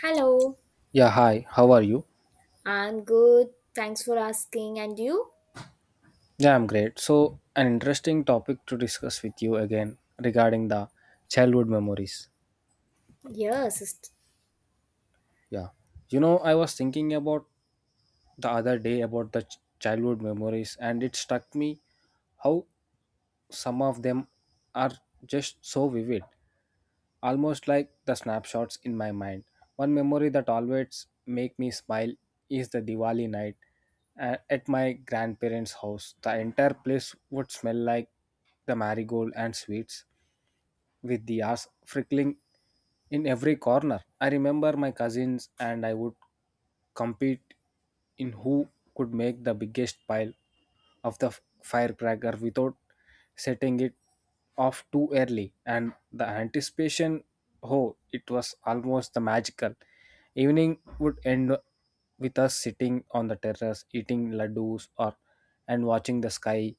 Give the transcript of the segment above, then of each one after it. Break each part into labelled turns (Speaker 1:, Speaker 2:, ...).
Speaker 1: Hello,
Speaker 2: Yeah, hi, how are you?
Speaker 1: I'm good. Thanks for asking. And you?
Speaker 2: Yeah, I'm great. So, an interesting topic to discuss with you again regarding the childhood memories.
Speaker 1: Yes, it's-
Speaker 2: Yeah, I was thinking about the other day about the childhood memories, and it struck me how some of them are just so vivid, almost like the snapshots in my mind. One memory that always make me smile is the Diwali night at my grandparents' house. The entire place would smell like the marigold and sweets with the ass frickling in every corner. I remember my cousins and I would compete in who could make the biggest pile of the firecracker without setting it off too early, and the anticipation, oh it was almost the magical evening would end with us sitting on the terrace eating ladoos or and watching the sky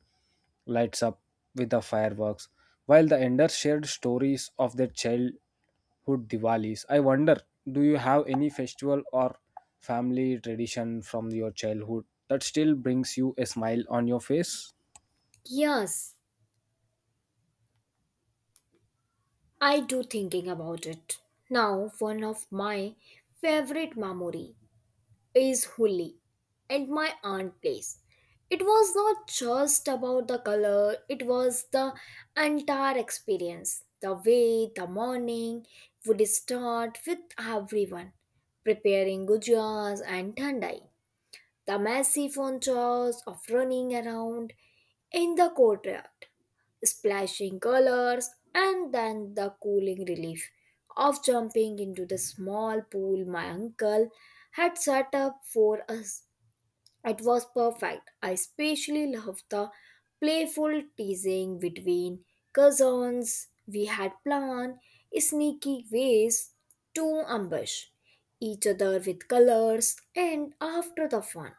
Speaker 2: lights up with the fireworks, while the Ender shared stories of their childhood Diwalis. I wonder, do you have any festival or family tradition from your childhood that still brings you a smile on your face?
Speaker 1: yes, I do thinking about it. Now, one of my favorite memory is Holi and my aunt place. It was not just about the color, it was the entire experience. The way the morning would start with everyone preparing gujas and thandai, the massive joys of running around in the courtyard, splashing colors, and then the cooling relief of jumping into the small pool my uncle had set up for us. It was perfect. I especially loved the playful teasing between cousins. We had planned sneaky ways to ambush each other with colors, and after the fun,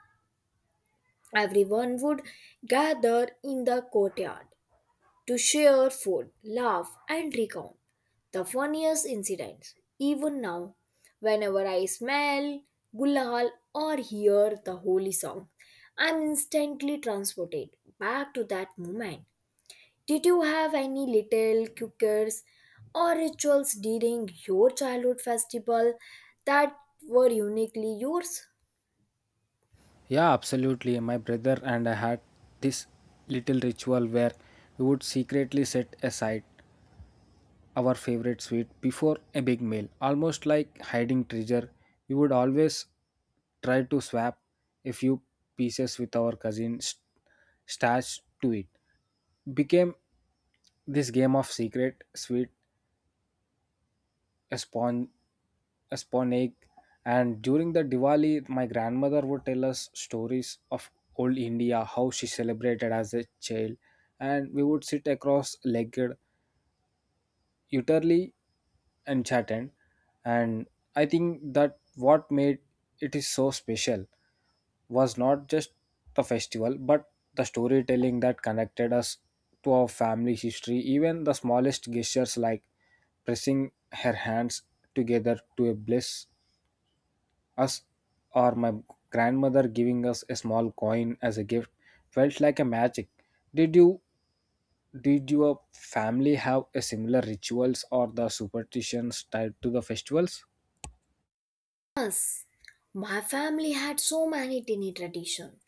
Speaker 1: everyone would gather in the courtyard to share food, laugh, and recount the funniest incidents. Even now, whenever I smell gulal or hear the holy song, I'm instantly transported back to that moment. Did you have any little cookers or rituals during your childhood festival that were uniquely yours?
Speaker 2: Yeah, absolutely. My brother and I had this little ritual where we would secretly set aside our favorite sweet before a big meal, almost like hiding treasure. We would always try to swap a few pieces with our cousins, stashed to it. Became this game of secret sweet, a spawn a spawn egg, and during the Diwali my grandmother would tell us stories of old India, how she celebrated as a child, and we would sit across legged, utterly enchanted. And I think that what made it is so special was not just the festival but the storytelling that connected us to our family history. Even the smallest gestures like pressing her hands together to bless us, or my grandmother giving us a small coin as a gift, felt like a magic. Did you did your family have a similar rituals or the superstitions tied to the festivals?
Speaker 1: Yes. My family had so many tiny traditions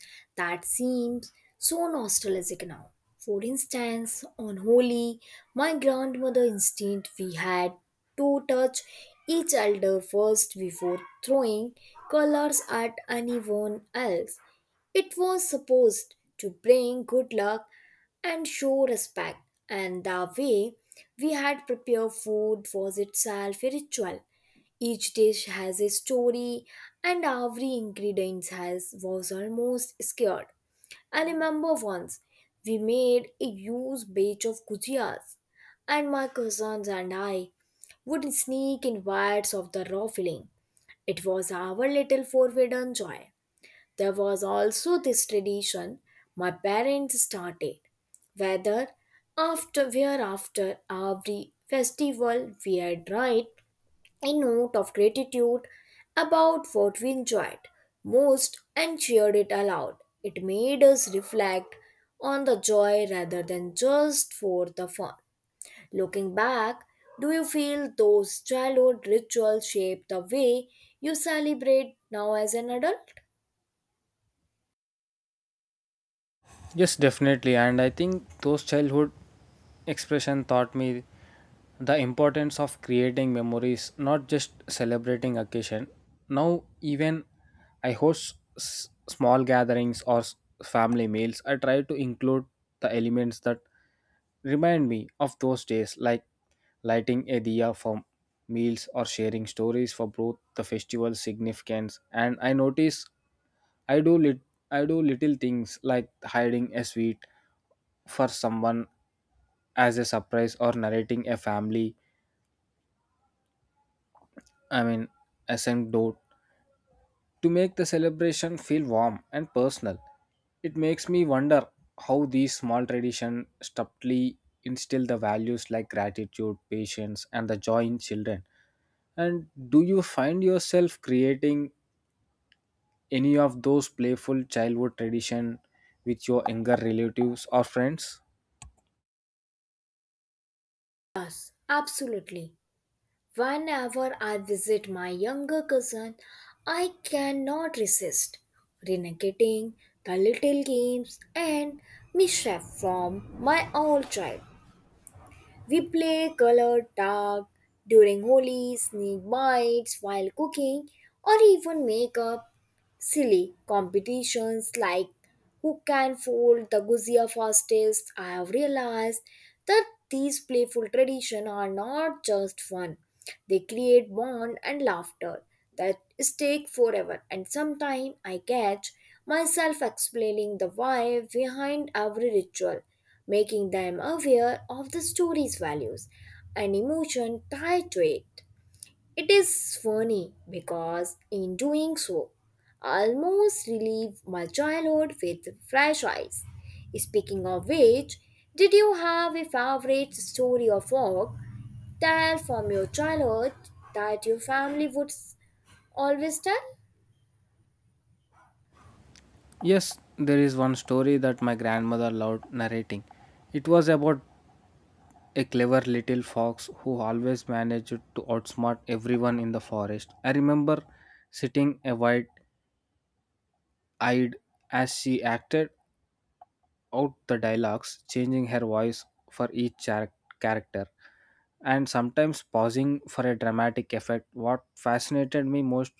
Speaker 1: that seems so nostalgic now. For instance, on Holi, my grandmother insisted we had to touch each elder first before throwing colors at anyone else. It was supposed to bring good luck and show respect, and the way we had prepared food was itself a ritual. Each dish has a story, and every ingredient has was almost scared. I remember once we made a huge batch of gujias, and my cousins and I would sneak in bites of the raw filling. It was our little forbidden joy. There was also this tradition my parents started. Whether after where after every festival we had write a note of gratitude about what we enjoyed most and shared it aloud. It made us reflect on the joy rather than just for the fun. Looking back, do you feel those childhood rituals shape the way you celebrate now as an adult?
Speaker 2: Yes, definitely. And I think those childhood expression taught me the importance of creating memories, not just celebrating occasion. Now even I host small gatherings or family meals, I try to include the elements that remind me of those days, like lighting a diya for meals or sharing stories for both the festival significance. And I notice i do lit- I do little things like hiding a sweet for someone as a surprise, or narrating a family, I mean, anecdote, to make the celebration feel warm and personal. It makes me wonder how these small traditions subtly instill the values like gratitude, patience, and the joy in children. And do you find yourself creating any of those playful childhood tradition with your younger relatives or friends?
Speaker 1: Yes, absolutely. Whenever I visit my younger cousin, I cannot resist renegating the little games and mischief from my old child. We play colored tag during Holi, sneak bites while cooking, or even make up silly competitions like who can fold the guzia fastest. I have realized that these playful traditions are not just fun; they create bond and laughter that stay forever. And sometimes I catch myself explaining the why behind every ritual, making them aware of the story's values and emotion tied to it. It is funny because in doing so, I almost relive my childhood with fresh eyes. Speaking of which, did you have a favorite story or folk tale from your childhood that your family would always tell?
Speaker 2: Yes, there is one story that my grandmother loved narrating. It was about a clever little fox who always managed to outsmart everyone in the forest. I remember sitting a wide eyed as she acted out the dialogues, changing her voice for each character, and sometimes pausing for a dramatic effect. What fascinated me most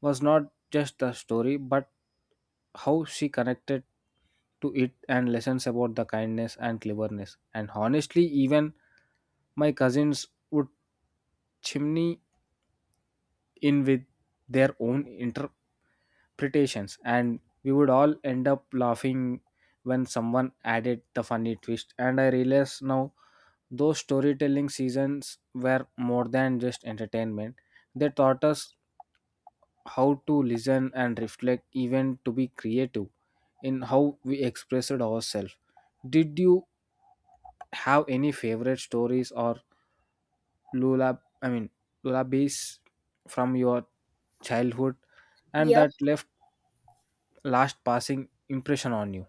Speaker 2: was not just the story, but how she connected to it and lessons about the kindness and cleverness. And honestly, even my cousins would chimney in with their own interpretations, and we would all end up laughing when someone added the funny twist. And I realize now those storytelling seasons were more than just entertainment, they taught us how to listen and reflect, even to be creative in how we expressed ourselves. Did you have any favorite stories or lullab I mean, lullabies from your childhood and that
Speaker 1: Yes,
Speaker 2: left last passing impression on you.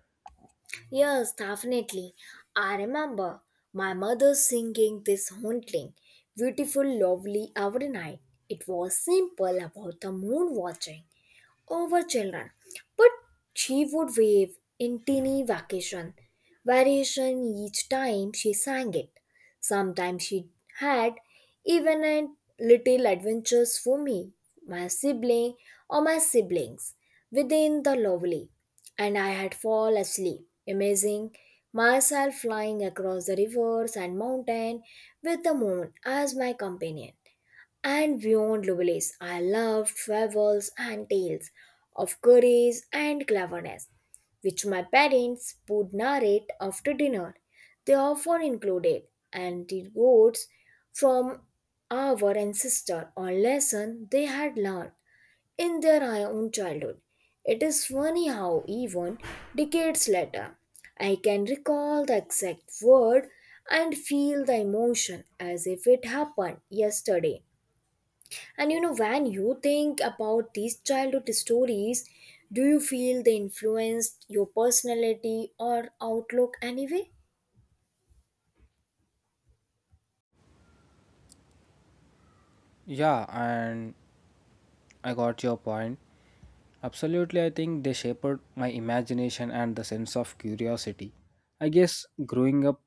Speaker 1: yes, definitely. I remember my mother singing this haunting, beautiful, lovely every night. It was simple about the moon watching over children. But she would wave in teeny vacation variation each time she sang it. Sometimes she had even a little adventures for me, my sibling or my siblings within the lovely, and I had fall asleep, amazing myself flying across the rivers and mountain with the moon as my companion and beyond Lovelace. I loved travels and tales of courage and cleverness, which my parents would narrate after dinner. They often included anecdotes from our ancestor or lesson they had learned in their own childhood. It is funny how even decades later, I can recall the exact word and feel the emotion as if it happened yesterday. And you know, when you think about these childhood stories, do you feel they influenced your personality or outlook anyway?
Speaker 2: Yeah, and I got your point. Absolutely, I think they shaped my imagination and the sense of curiosity. I guess growing up,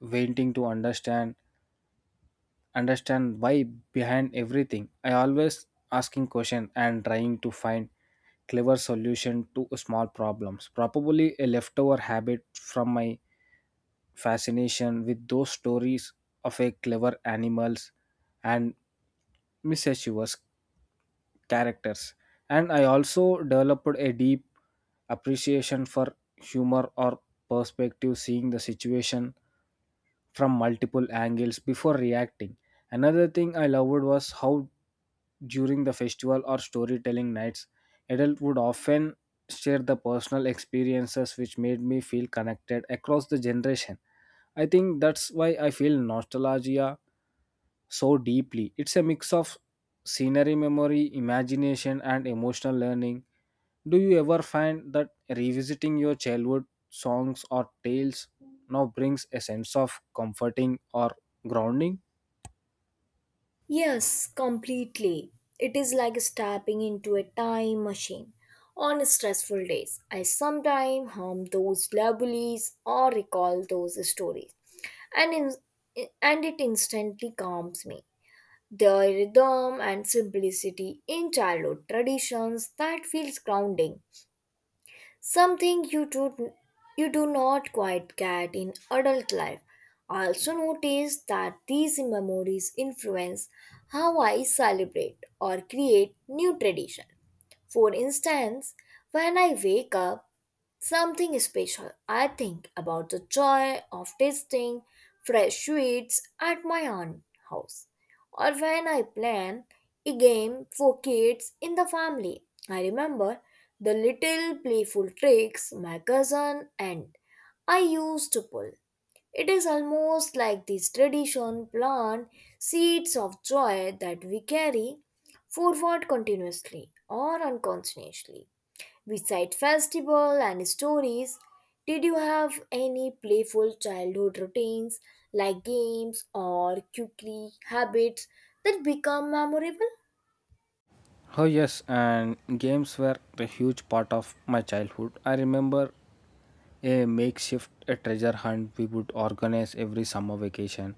Speaker 2: wanting to understand why behind everything. I always asking question and trying to find clever solution to small problems. Probably a leftover habit from my fascination with those stories of a clever animals and mischievous characters. And I also developed a deep appreciation for humor or perspective, seeing the situation from multiple angles before reacting. Another thing I loved was how during the festival or storytelling nights, adults would often share the personal experiences which made me feel connected across the generation. I think that's why I feel nostalgia so deeply. It's a mix of scenery memory, imagination, and emotional learning. Do you ever find that revisiting your childhood songs or tales now brings a sense of comforting or grounding?
Speaker 1: Yes, completely. It is like stepping into a time machine. On stressful days, I sometimes hum those lullabies or recall those stories, and in, and it instantly calms me. The rhythm and simplicity in childhood traditions that feels grounding, something you do not quite get in adult life. I also notice that these memories influence how I celebrate or create new tradition. For instance, when I wake up something special, I think about the joy of tasting fresh sweets at my aunt's house, or when I plan a game for kids in the family. I remember the little playful tricks my cousin and I used to pull. It is almost like this tradition plant seeds of joy that we carry forward continuously or unconsciously. Beside festival and stories, did you have any playful childhood routines like games or quickly habits that become memorable?
Speaker 2: Oh, yes, and games were a huge part of my childhood. I remember a makeshift, a treasure hunt we would organize every summer vacation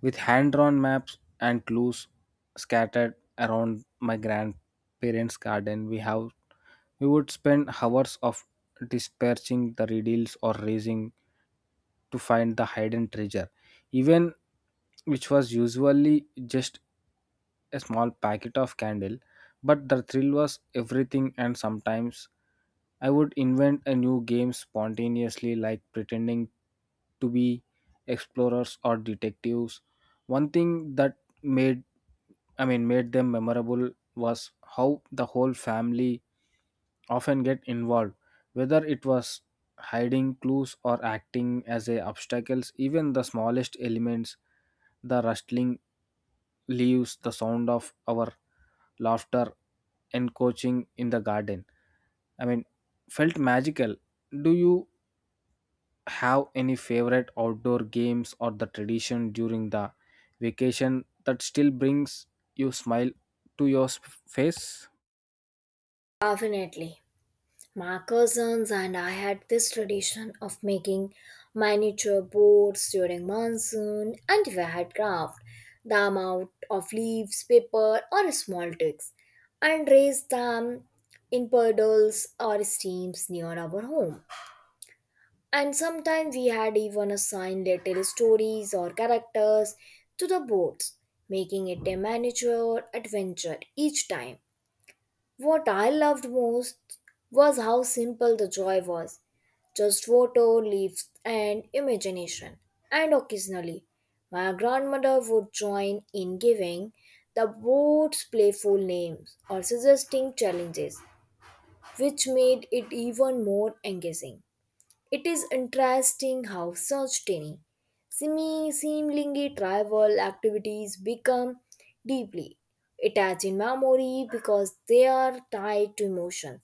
Speaker 2: with hand drawn maps and clues scattered around my grandparents' garden. We would spend hours of dispersing the riddles or raising to find the hidden treasure, even which was usually just a small packet of candle. But the thrill was everything, and sometimes I would invent a new game spontaneously, like pretending to be explorers or detectives. One thing that made I mean, made them memorable was how the whole family often get involved, whether it was hiding clues or acting as a obstacles. Even the smallest elements, the rustling leaves, the sound of our laughter encroaching in the garden, I mean, felt magical. Do you have any favorite outdoor games or the tradition during the vacation that still brings you smile to your face?
Speaker 1: Definitely. My cousins and I had this tradition of making miniature boats during monsoon, and we had craft the amount of leaves, paper or small twigs and raised them in puddles or streams near our home. And sometimes we had even assigned little stories or characters to the boards, making it a miniature adventure each time. What I loved most was how simple the joy was, just photo, leaves, and imagination. And occasionally, my grandmother would join in giving the boards playful names or suggesting challenges, which made it even more engaging. It is interesting how such tiny, seemingly trivial activities become deeply attached in memory because they are tied to emotion,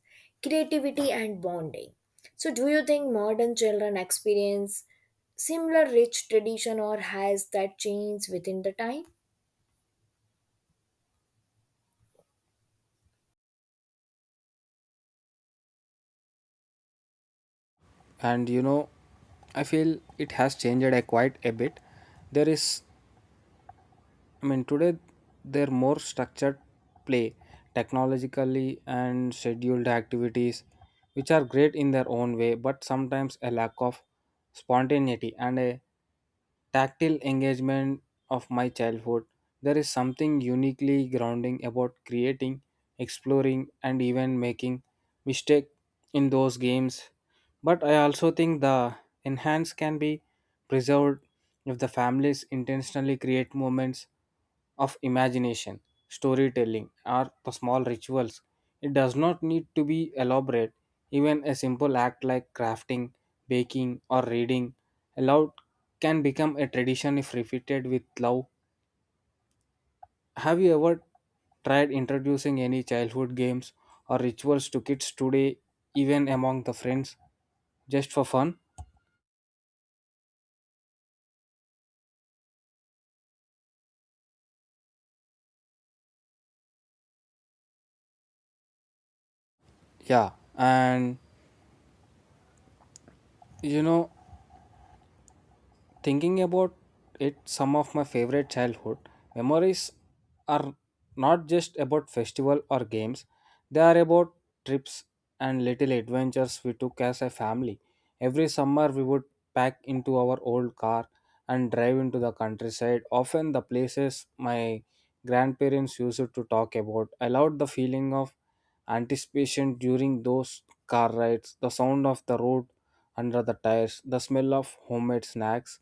Speaker 1: creativity, and bonding. So, do you think modern children experience similar rich tradition, or has that changed within the time?
Speaker 2: And I feel it has changed a quite a bit. There is, I mean, today they're more structured play, technologically and scheduled activities, which are great in their own way, but sometimes a lack of spontaneity and a tactile engagement of my childhood. There is something uniquely grounding about creating, exploring, and even making mistake in those games, but I also think the enhance can be preserved if the families intentionally create moments of imagination, storytelling, or the small rituals. It does not need to be elaborate. Even a simple act like crafting, baking, or reading aloud can become a tradition if repeated with love. Have you ever tried introducing any childhood games or rituals to kids today, even among the friends, just for fun? Yeah, and you know, thinking about it, some of my favorite childhood memories are not just about festival or games. They are about trips and little adventures we took as a family. Every summer we would pack into our old car and drive into the countryside, often the places my grandparents used to talk about. I loved the feeling of anticipation during those car rides, the sound of the road under the tires, the smell of homemade snacks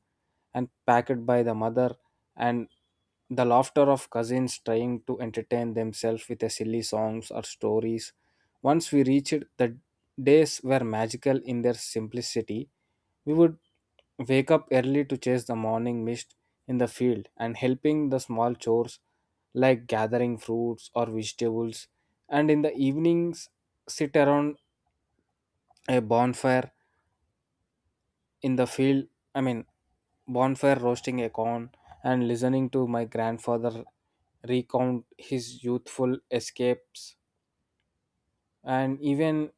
Speaker 2: and packed by the mother, and the laughter of cousins trying to entertain themselves with a silly songs or stories. Once we reached, the days were magical in their simplicity. We would wake up early to chase the morning mist in the field and helping the small chores like gathering fruits or vegetables, and in the evenings, sit around a bonfire in the field, I mean, bonfire roasting a corn and listening to my grandfather recount his youthful escapes. And even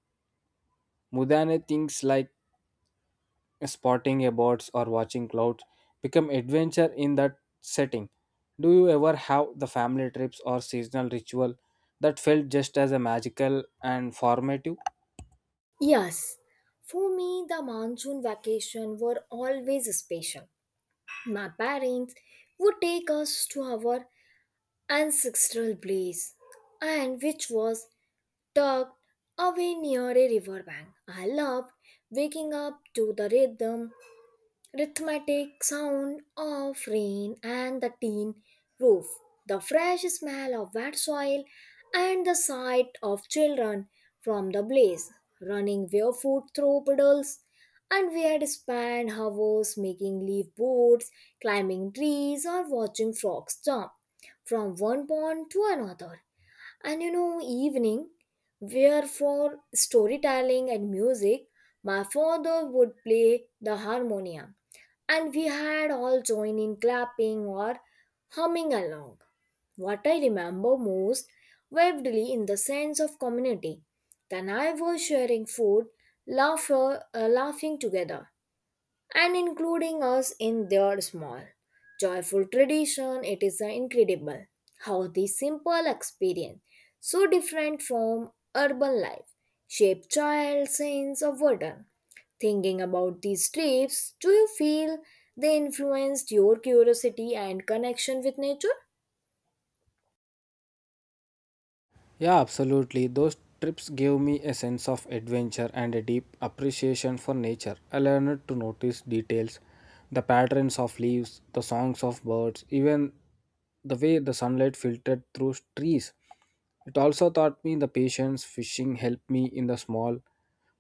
Speaker 2: mudane things like spotting about or watching clouds become adventure in that setting. Do you ever have the family trips or seasonal ritual that felt just as a magical and formative?
Speaker 1: Yes, for me, the monsoon vacation were always special. My parents would take us to our ancestral blaze, and which was tucked away near a river bank. I loved waking up to the rhythmic sound of rain and the tin roof, the fresh smell of wet soil, and the sight of children from the blaze running barefoot through puddles. And we had spent hours making leaf boards, climbing trees, or watching frogs jump from one pond to another. And you know, evening where for storytelling and music, my father would play the harmonium, and we had all join in clapping or humming along. What I remember most vividly in the sense of community, then I was sharing food, laughter laughing together, and including us in their small, joyful tradition. It is incredible how this simple experience, so different from urban life, shape child's sense of wonder. Thinking about these trips, do you feel they influenced your curiosity and connection with nature?
Speaker 2: Yeah, absolutely. Those trips gave me a sense of adventure and a deep appreciation for nature. I learned to notice details, the patterns of leaves, the songs of birds, even the way the sunlight filtered through trees. It also taught me the patience, fishing helped me in the small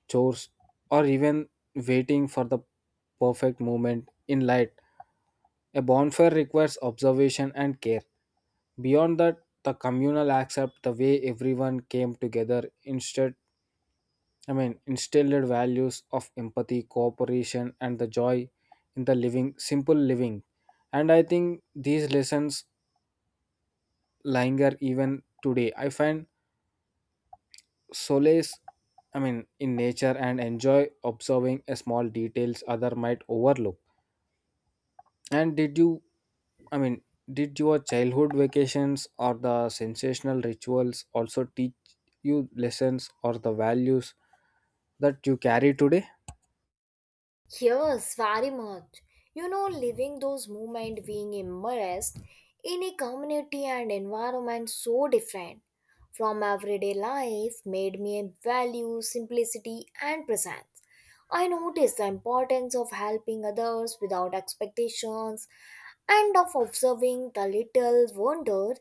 Speaker 2: chores or even waiting for the perfect moment in light. A bonfire requires observation and care. Beyond that, the communal accept, the way everyone came together instead, I mean, instilled values of empathy, cooperation and the joy in the living, simple living. And I think these lessons linger even today. I find solace, I mean, in nature, and enjoy observing a small details other might overlook. And I mean, did your childhood vacations or the sensational rituals also teach you lessons or the values that you carry today?
Speaker 1: Yes, very much. You know, living those moments, being immersed in a community and environment so different from everyday life made me value simplicity and presence. I noticed the importance of helping others without expectations and of observing the little wonder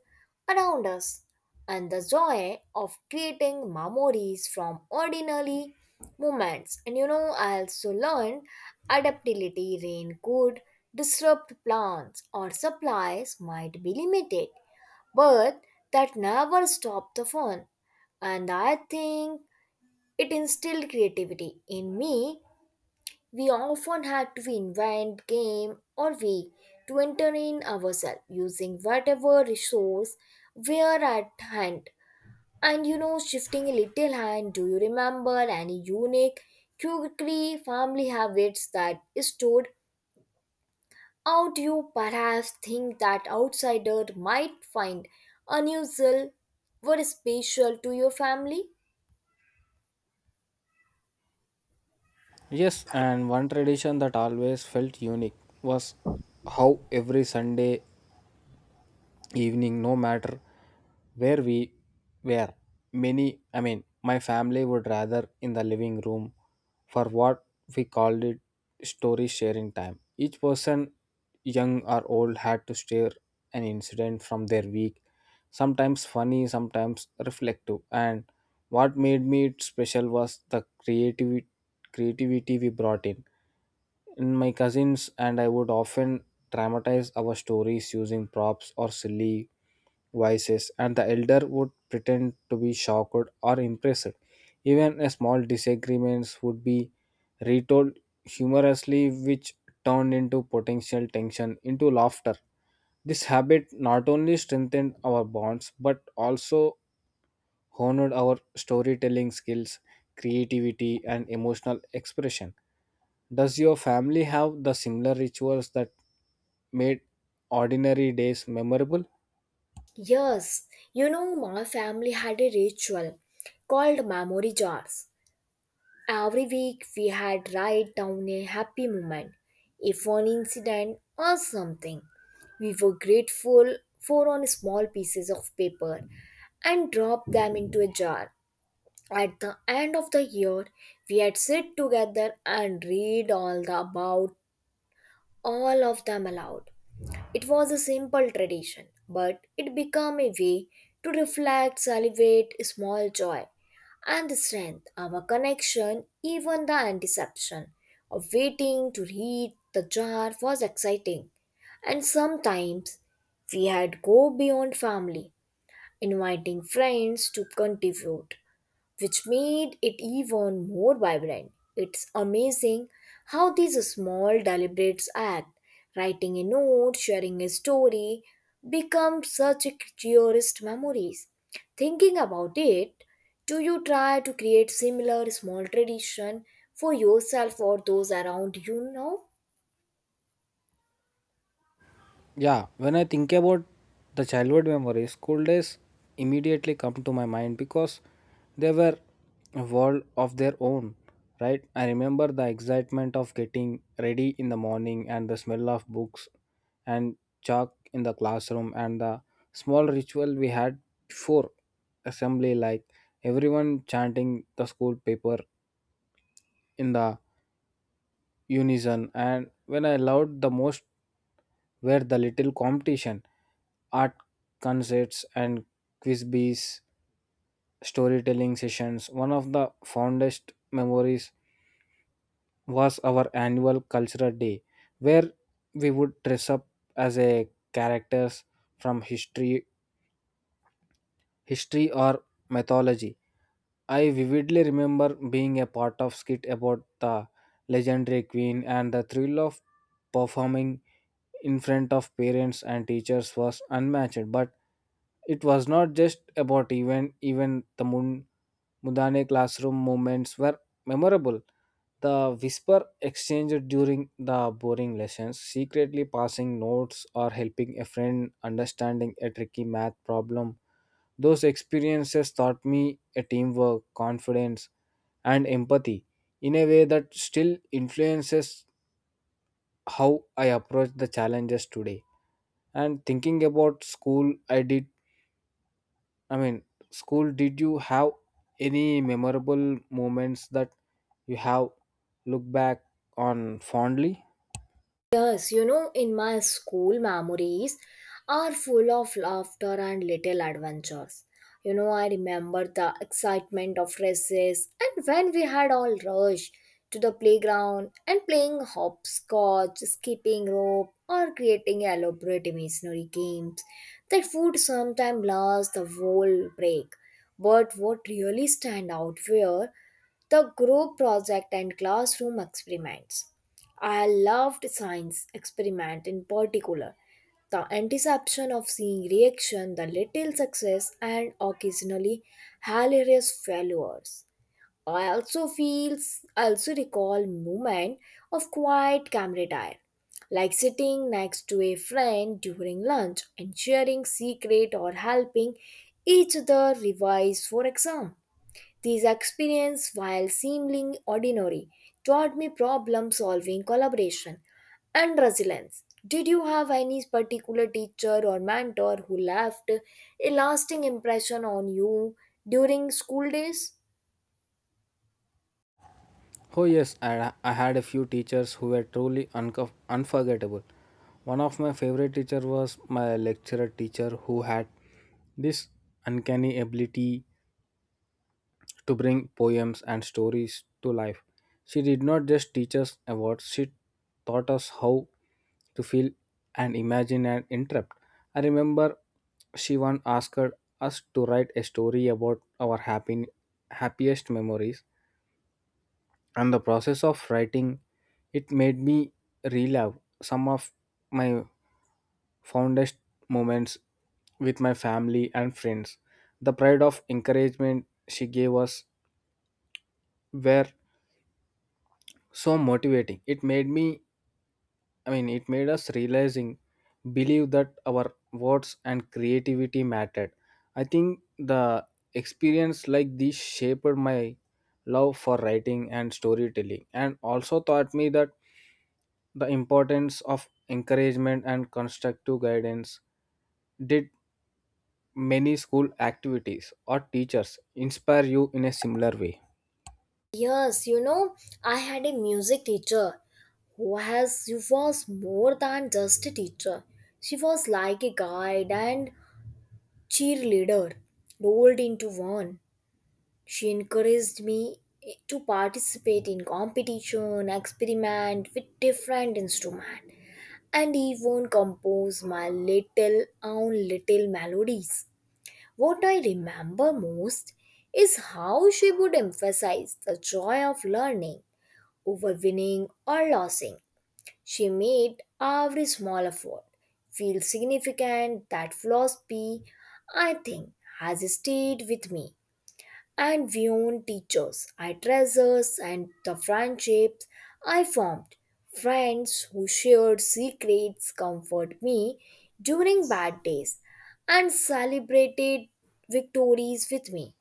Speaker 1: around us and the joy of creating memories from ordinary moments. And you know, I also learned adaptability. Rain could disrupt plans or supplies might be limited, but that never stopped the fun. And I think it instilled creativity in me. We often had to invent game or we to entertain ourselves using whatever resource were at hand. And you know, shifting a little hand, do you remember any unique quirky family habits that stood out, you perhaps think that outsider might find unusual or special to your family?
Speaker 2: Yes, and one tradition that always felt unique was how every Sunday evening, no matter where we were, many I mean my family would rather in the living room for what we called it story sharing time. Each person, young or old, had to share an incident from their week, sometimes funny, sometimes reflective. And what made me it special was the creativity we brought in. And my cousins and I would often dramatize our stories using props or silly voices, and the elder would pretend to be shocked or impressed. Even a small disagreements would be retold humorously, which turned into potential tension into laughter. This habit not only strengthened our bonds but also honored our storytelling skills, creativity, and emotional expression. Does your family have the similar rituals that made ordinary days memorable?
Speaker 1: Yes, you know, my family had a ritual called memory jars. Every week we had write down a happy moment, a fun incident or something we were grateful for on small pieces of paper and dropped them into a jar. At the end of the year, we had sit together and read all of them aloud. It was a simple tradition, but it became a way to reflect, celebrate small joy and strength, our connection. Even the anticipation of waiting to read the jar was exciting. And sometimes we had go beyond family, inviting friends to contribute, which made it even more vibrant. It's amazing how these small deliberate acts, writing a note, sharing a story, become such cherished memories. Thinking about it, do you try to create similar small tradition for yourself or those around you now?
Speaker 2: Yeah, when I think about the childhood memories, school days immediately come to my mind because they were a world of their own, right? I remember the excitement of getting ready in the morning, and the smell of books and chalk in the classroom, and the small ritual we had before assembly, like everyone chanting the school paper in the unison. And when I loved the most were the little competition, art concerts and quizbees, storytelling sessions. One of the fondest memories was our annual cultural day, where we would dress up as a characters from history or mythology. I vividly remember being a part of skit about the legendary queen, and the thrill of performing in front of parents and teachers was unmatched. But it was not just about event, even the Mudane classroom moments were memorable. The whisper exchanged during the boring lessons, secretly passing notes or helping a friend understanding a tricky math problem, those experiences taught me a teamwork, confidence, and empathy in a way that still influences how I approach the challenges today. And thinking about school, I mean, did you have any memorable moments that you have looked back on fondly?
Speaker 1: Yes, you know, in my school, memories are full of laughter and little adventures. You know, I remember the excitement of races, and when we had all rush to the playground and playing hopscotch, skipping rope, or creating elaborate imaginary games that would sometimes last the whole break. But what really stand out were the group project and classroom experiments. I loved science experiment in particular, the anticipation of seeing reaction, the little success, and occasionally hilarious failures. I also recall moment of quiet camaraderie, like sitting next to a friend during lunch and sharing secret or helping each other revise for exam. These experiences, while seemingly ordinary, taught me problem solving, collaboration, and resilience. Did you have any particular teacher or mentor who left a lasting impression on you during school days?
Speaker 2: Oh, yes, I had a few teachers who were truly unforgettable. One of my favorite teachers was my lecturer teacher who had this uncanny ability to bring poems and stories to life. She did not just teach us about, she taught us how to feel and imagine and interpret. I remember she once asked us to write a story about our happiest memories, and the process of writing it made me relive some of my fondest moments with my family and friends. The pride of encouragement she gave us were so motivating, it made me I mean it made us realizing believe that our words and creativity mattered. I think the experience like this shaped my love for writing and storytelling, and also taught me that the importance of encouragement and constructive guidance. Did many school activities or teachers inspire you in a similar way?
Speaker 1: Yes, you know, I had a music teacher who was more than just a teacher. She was like a guide and cheerleader rolled into one. She encouraged me to participate in competition, experiment with different instruments, and even compose my little own little melodies. What I remember most is how she would emphasize the joy of learning over winning or losing. She made every small effort feel significant. That philosophy, I think, has stayed with me. And beyond teachers, I treasures and the friendships I formed, friends who shared secrets, comfort me during bad days, and celebrated victories with me.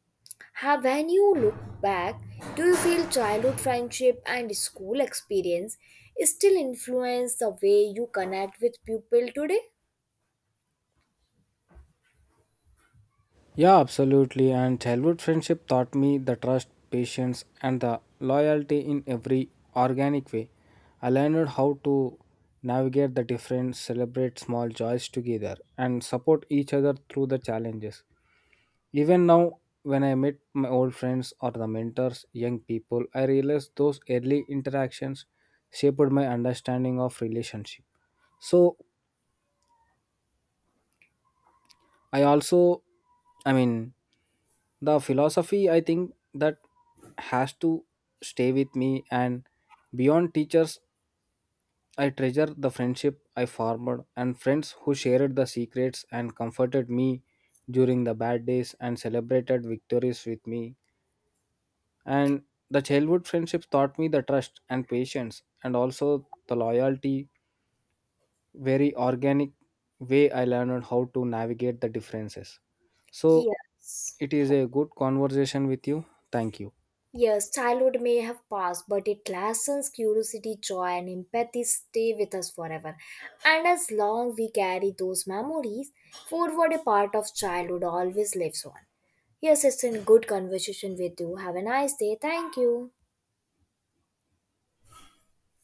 Speaker 1: How, when you look back, do you feel childhood friendship and school experience still influence the way you connect with people today?
Speaker 2: Yeah, absolutely. And childhood friendship taught me the trust, patience, and the loyalty in every organic way. I learned how to navigate the difference, celebrate small joys together, and support each other through the challenges. Even now, when I meet my old friends or the mentors, young people, I realize those early interactions shaped my understanding of relationship. So I also, I mean, the philosophy I think that has to stay with me, and beyond teachers, I treasure the friendship I formed and friends who shared the secrets and comforted me during the bad days and celebrated victories with me. And the childhood friendships taught me the trust and patience and also the loyalty, very organic way. I learned how to navigate the differences. So
Speaker 1: Yes.
Speaker 2: it is a good conversation with you. Thank you.
Speaker 1: Yes, childhood may have passed, but its lessons, curiosity, joy, and empathy stay with us forever. And as long we carry those memories forward, a part of childhood always lives on. Yes, it's a good conversation with you. Have a nice day. Thank you.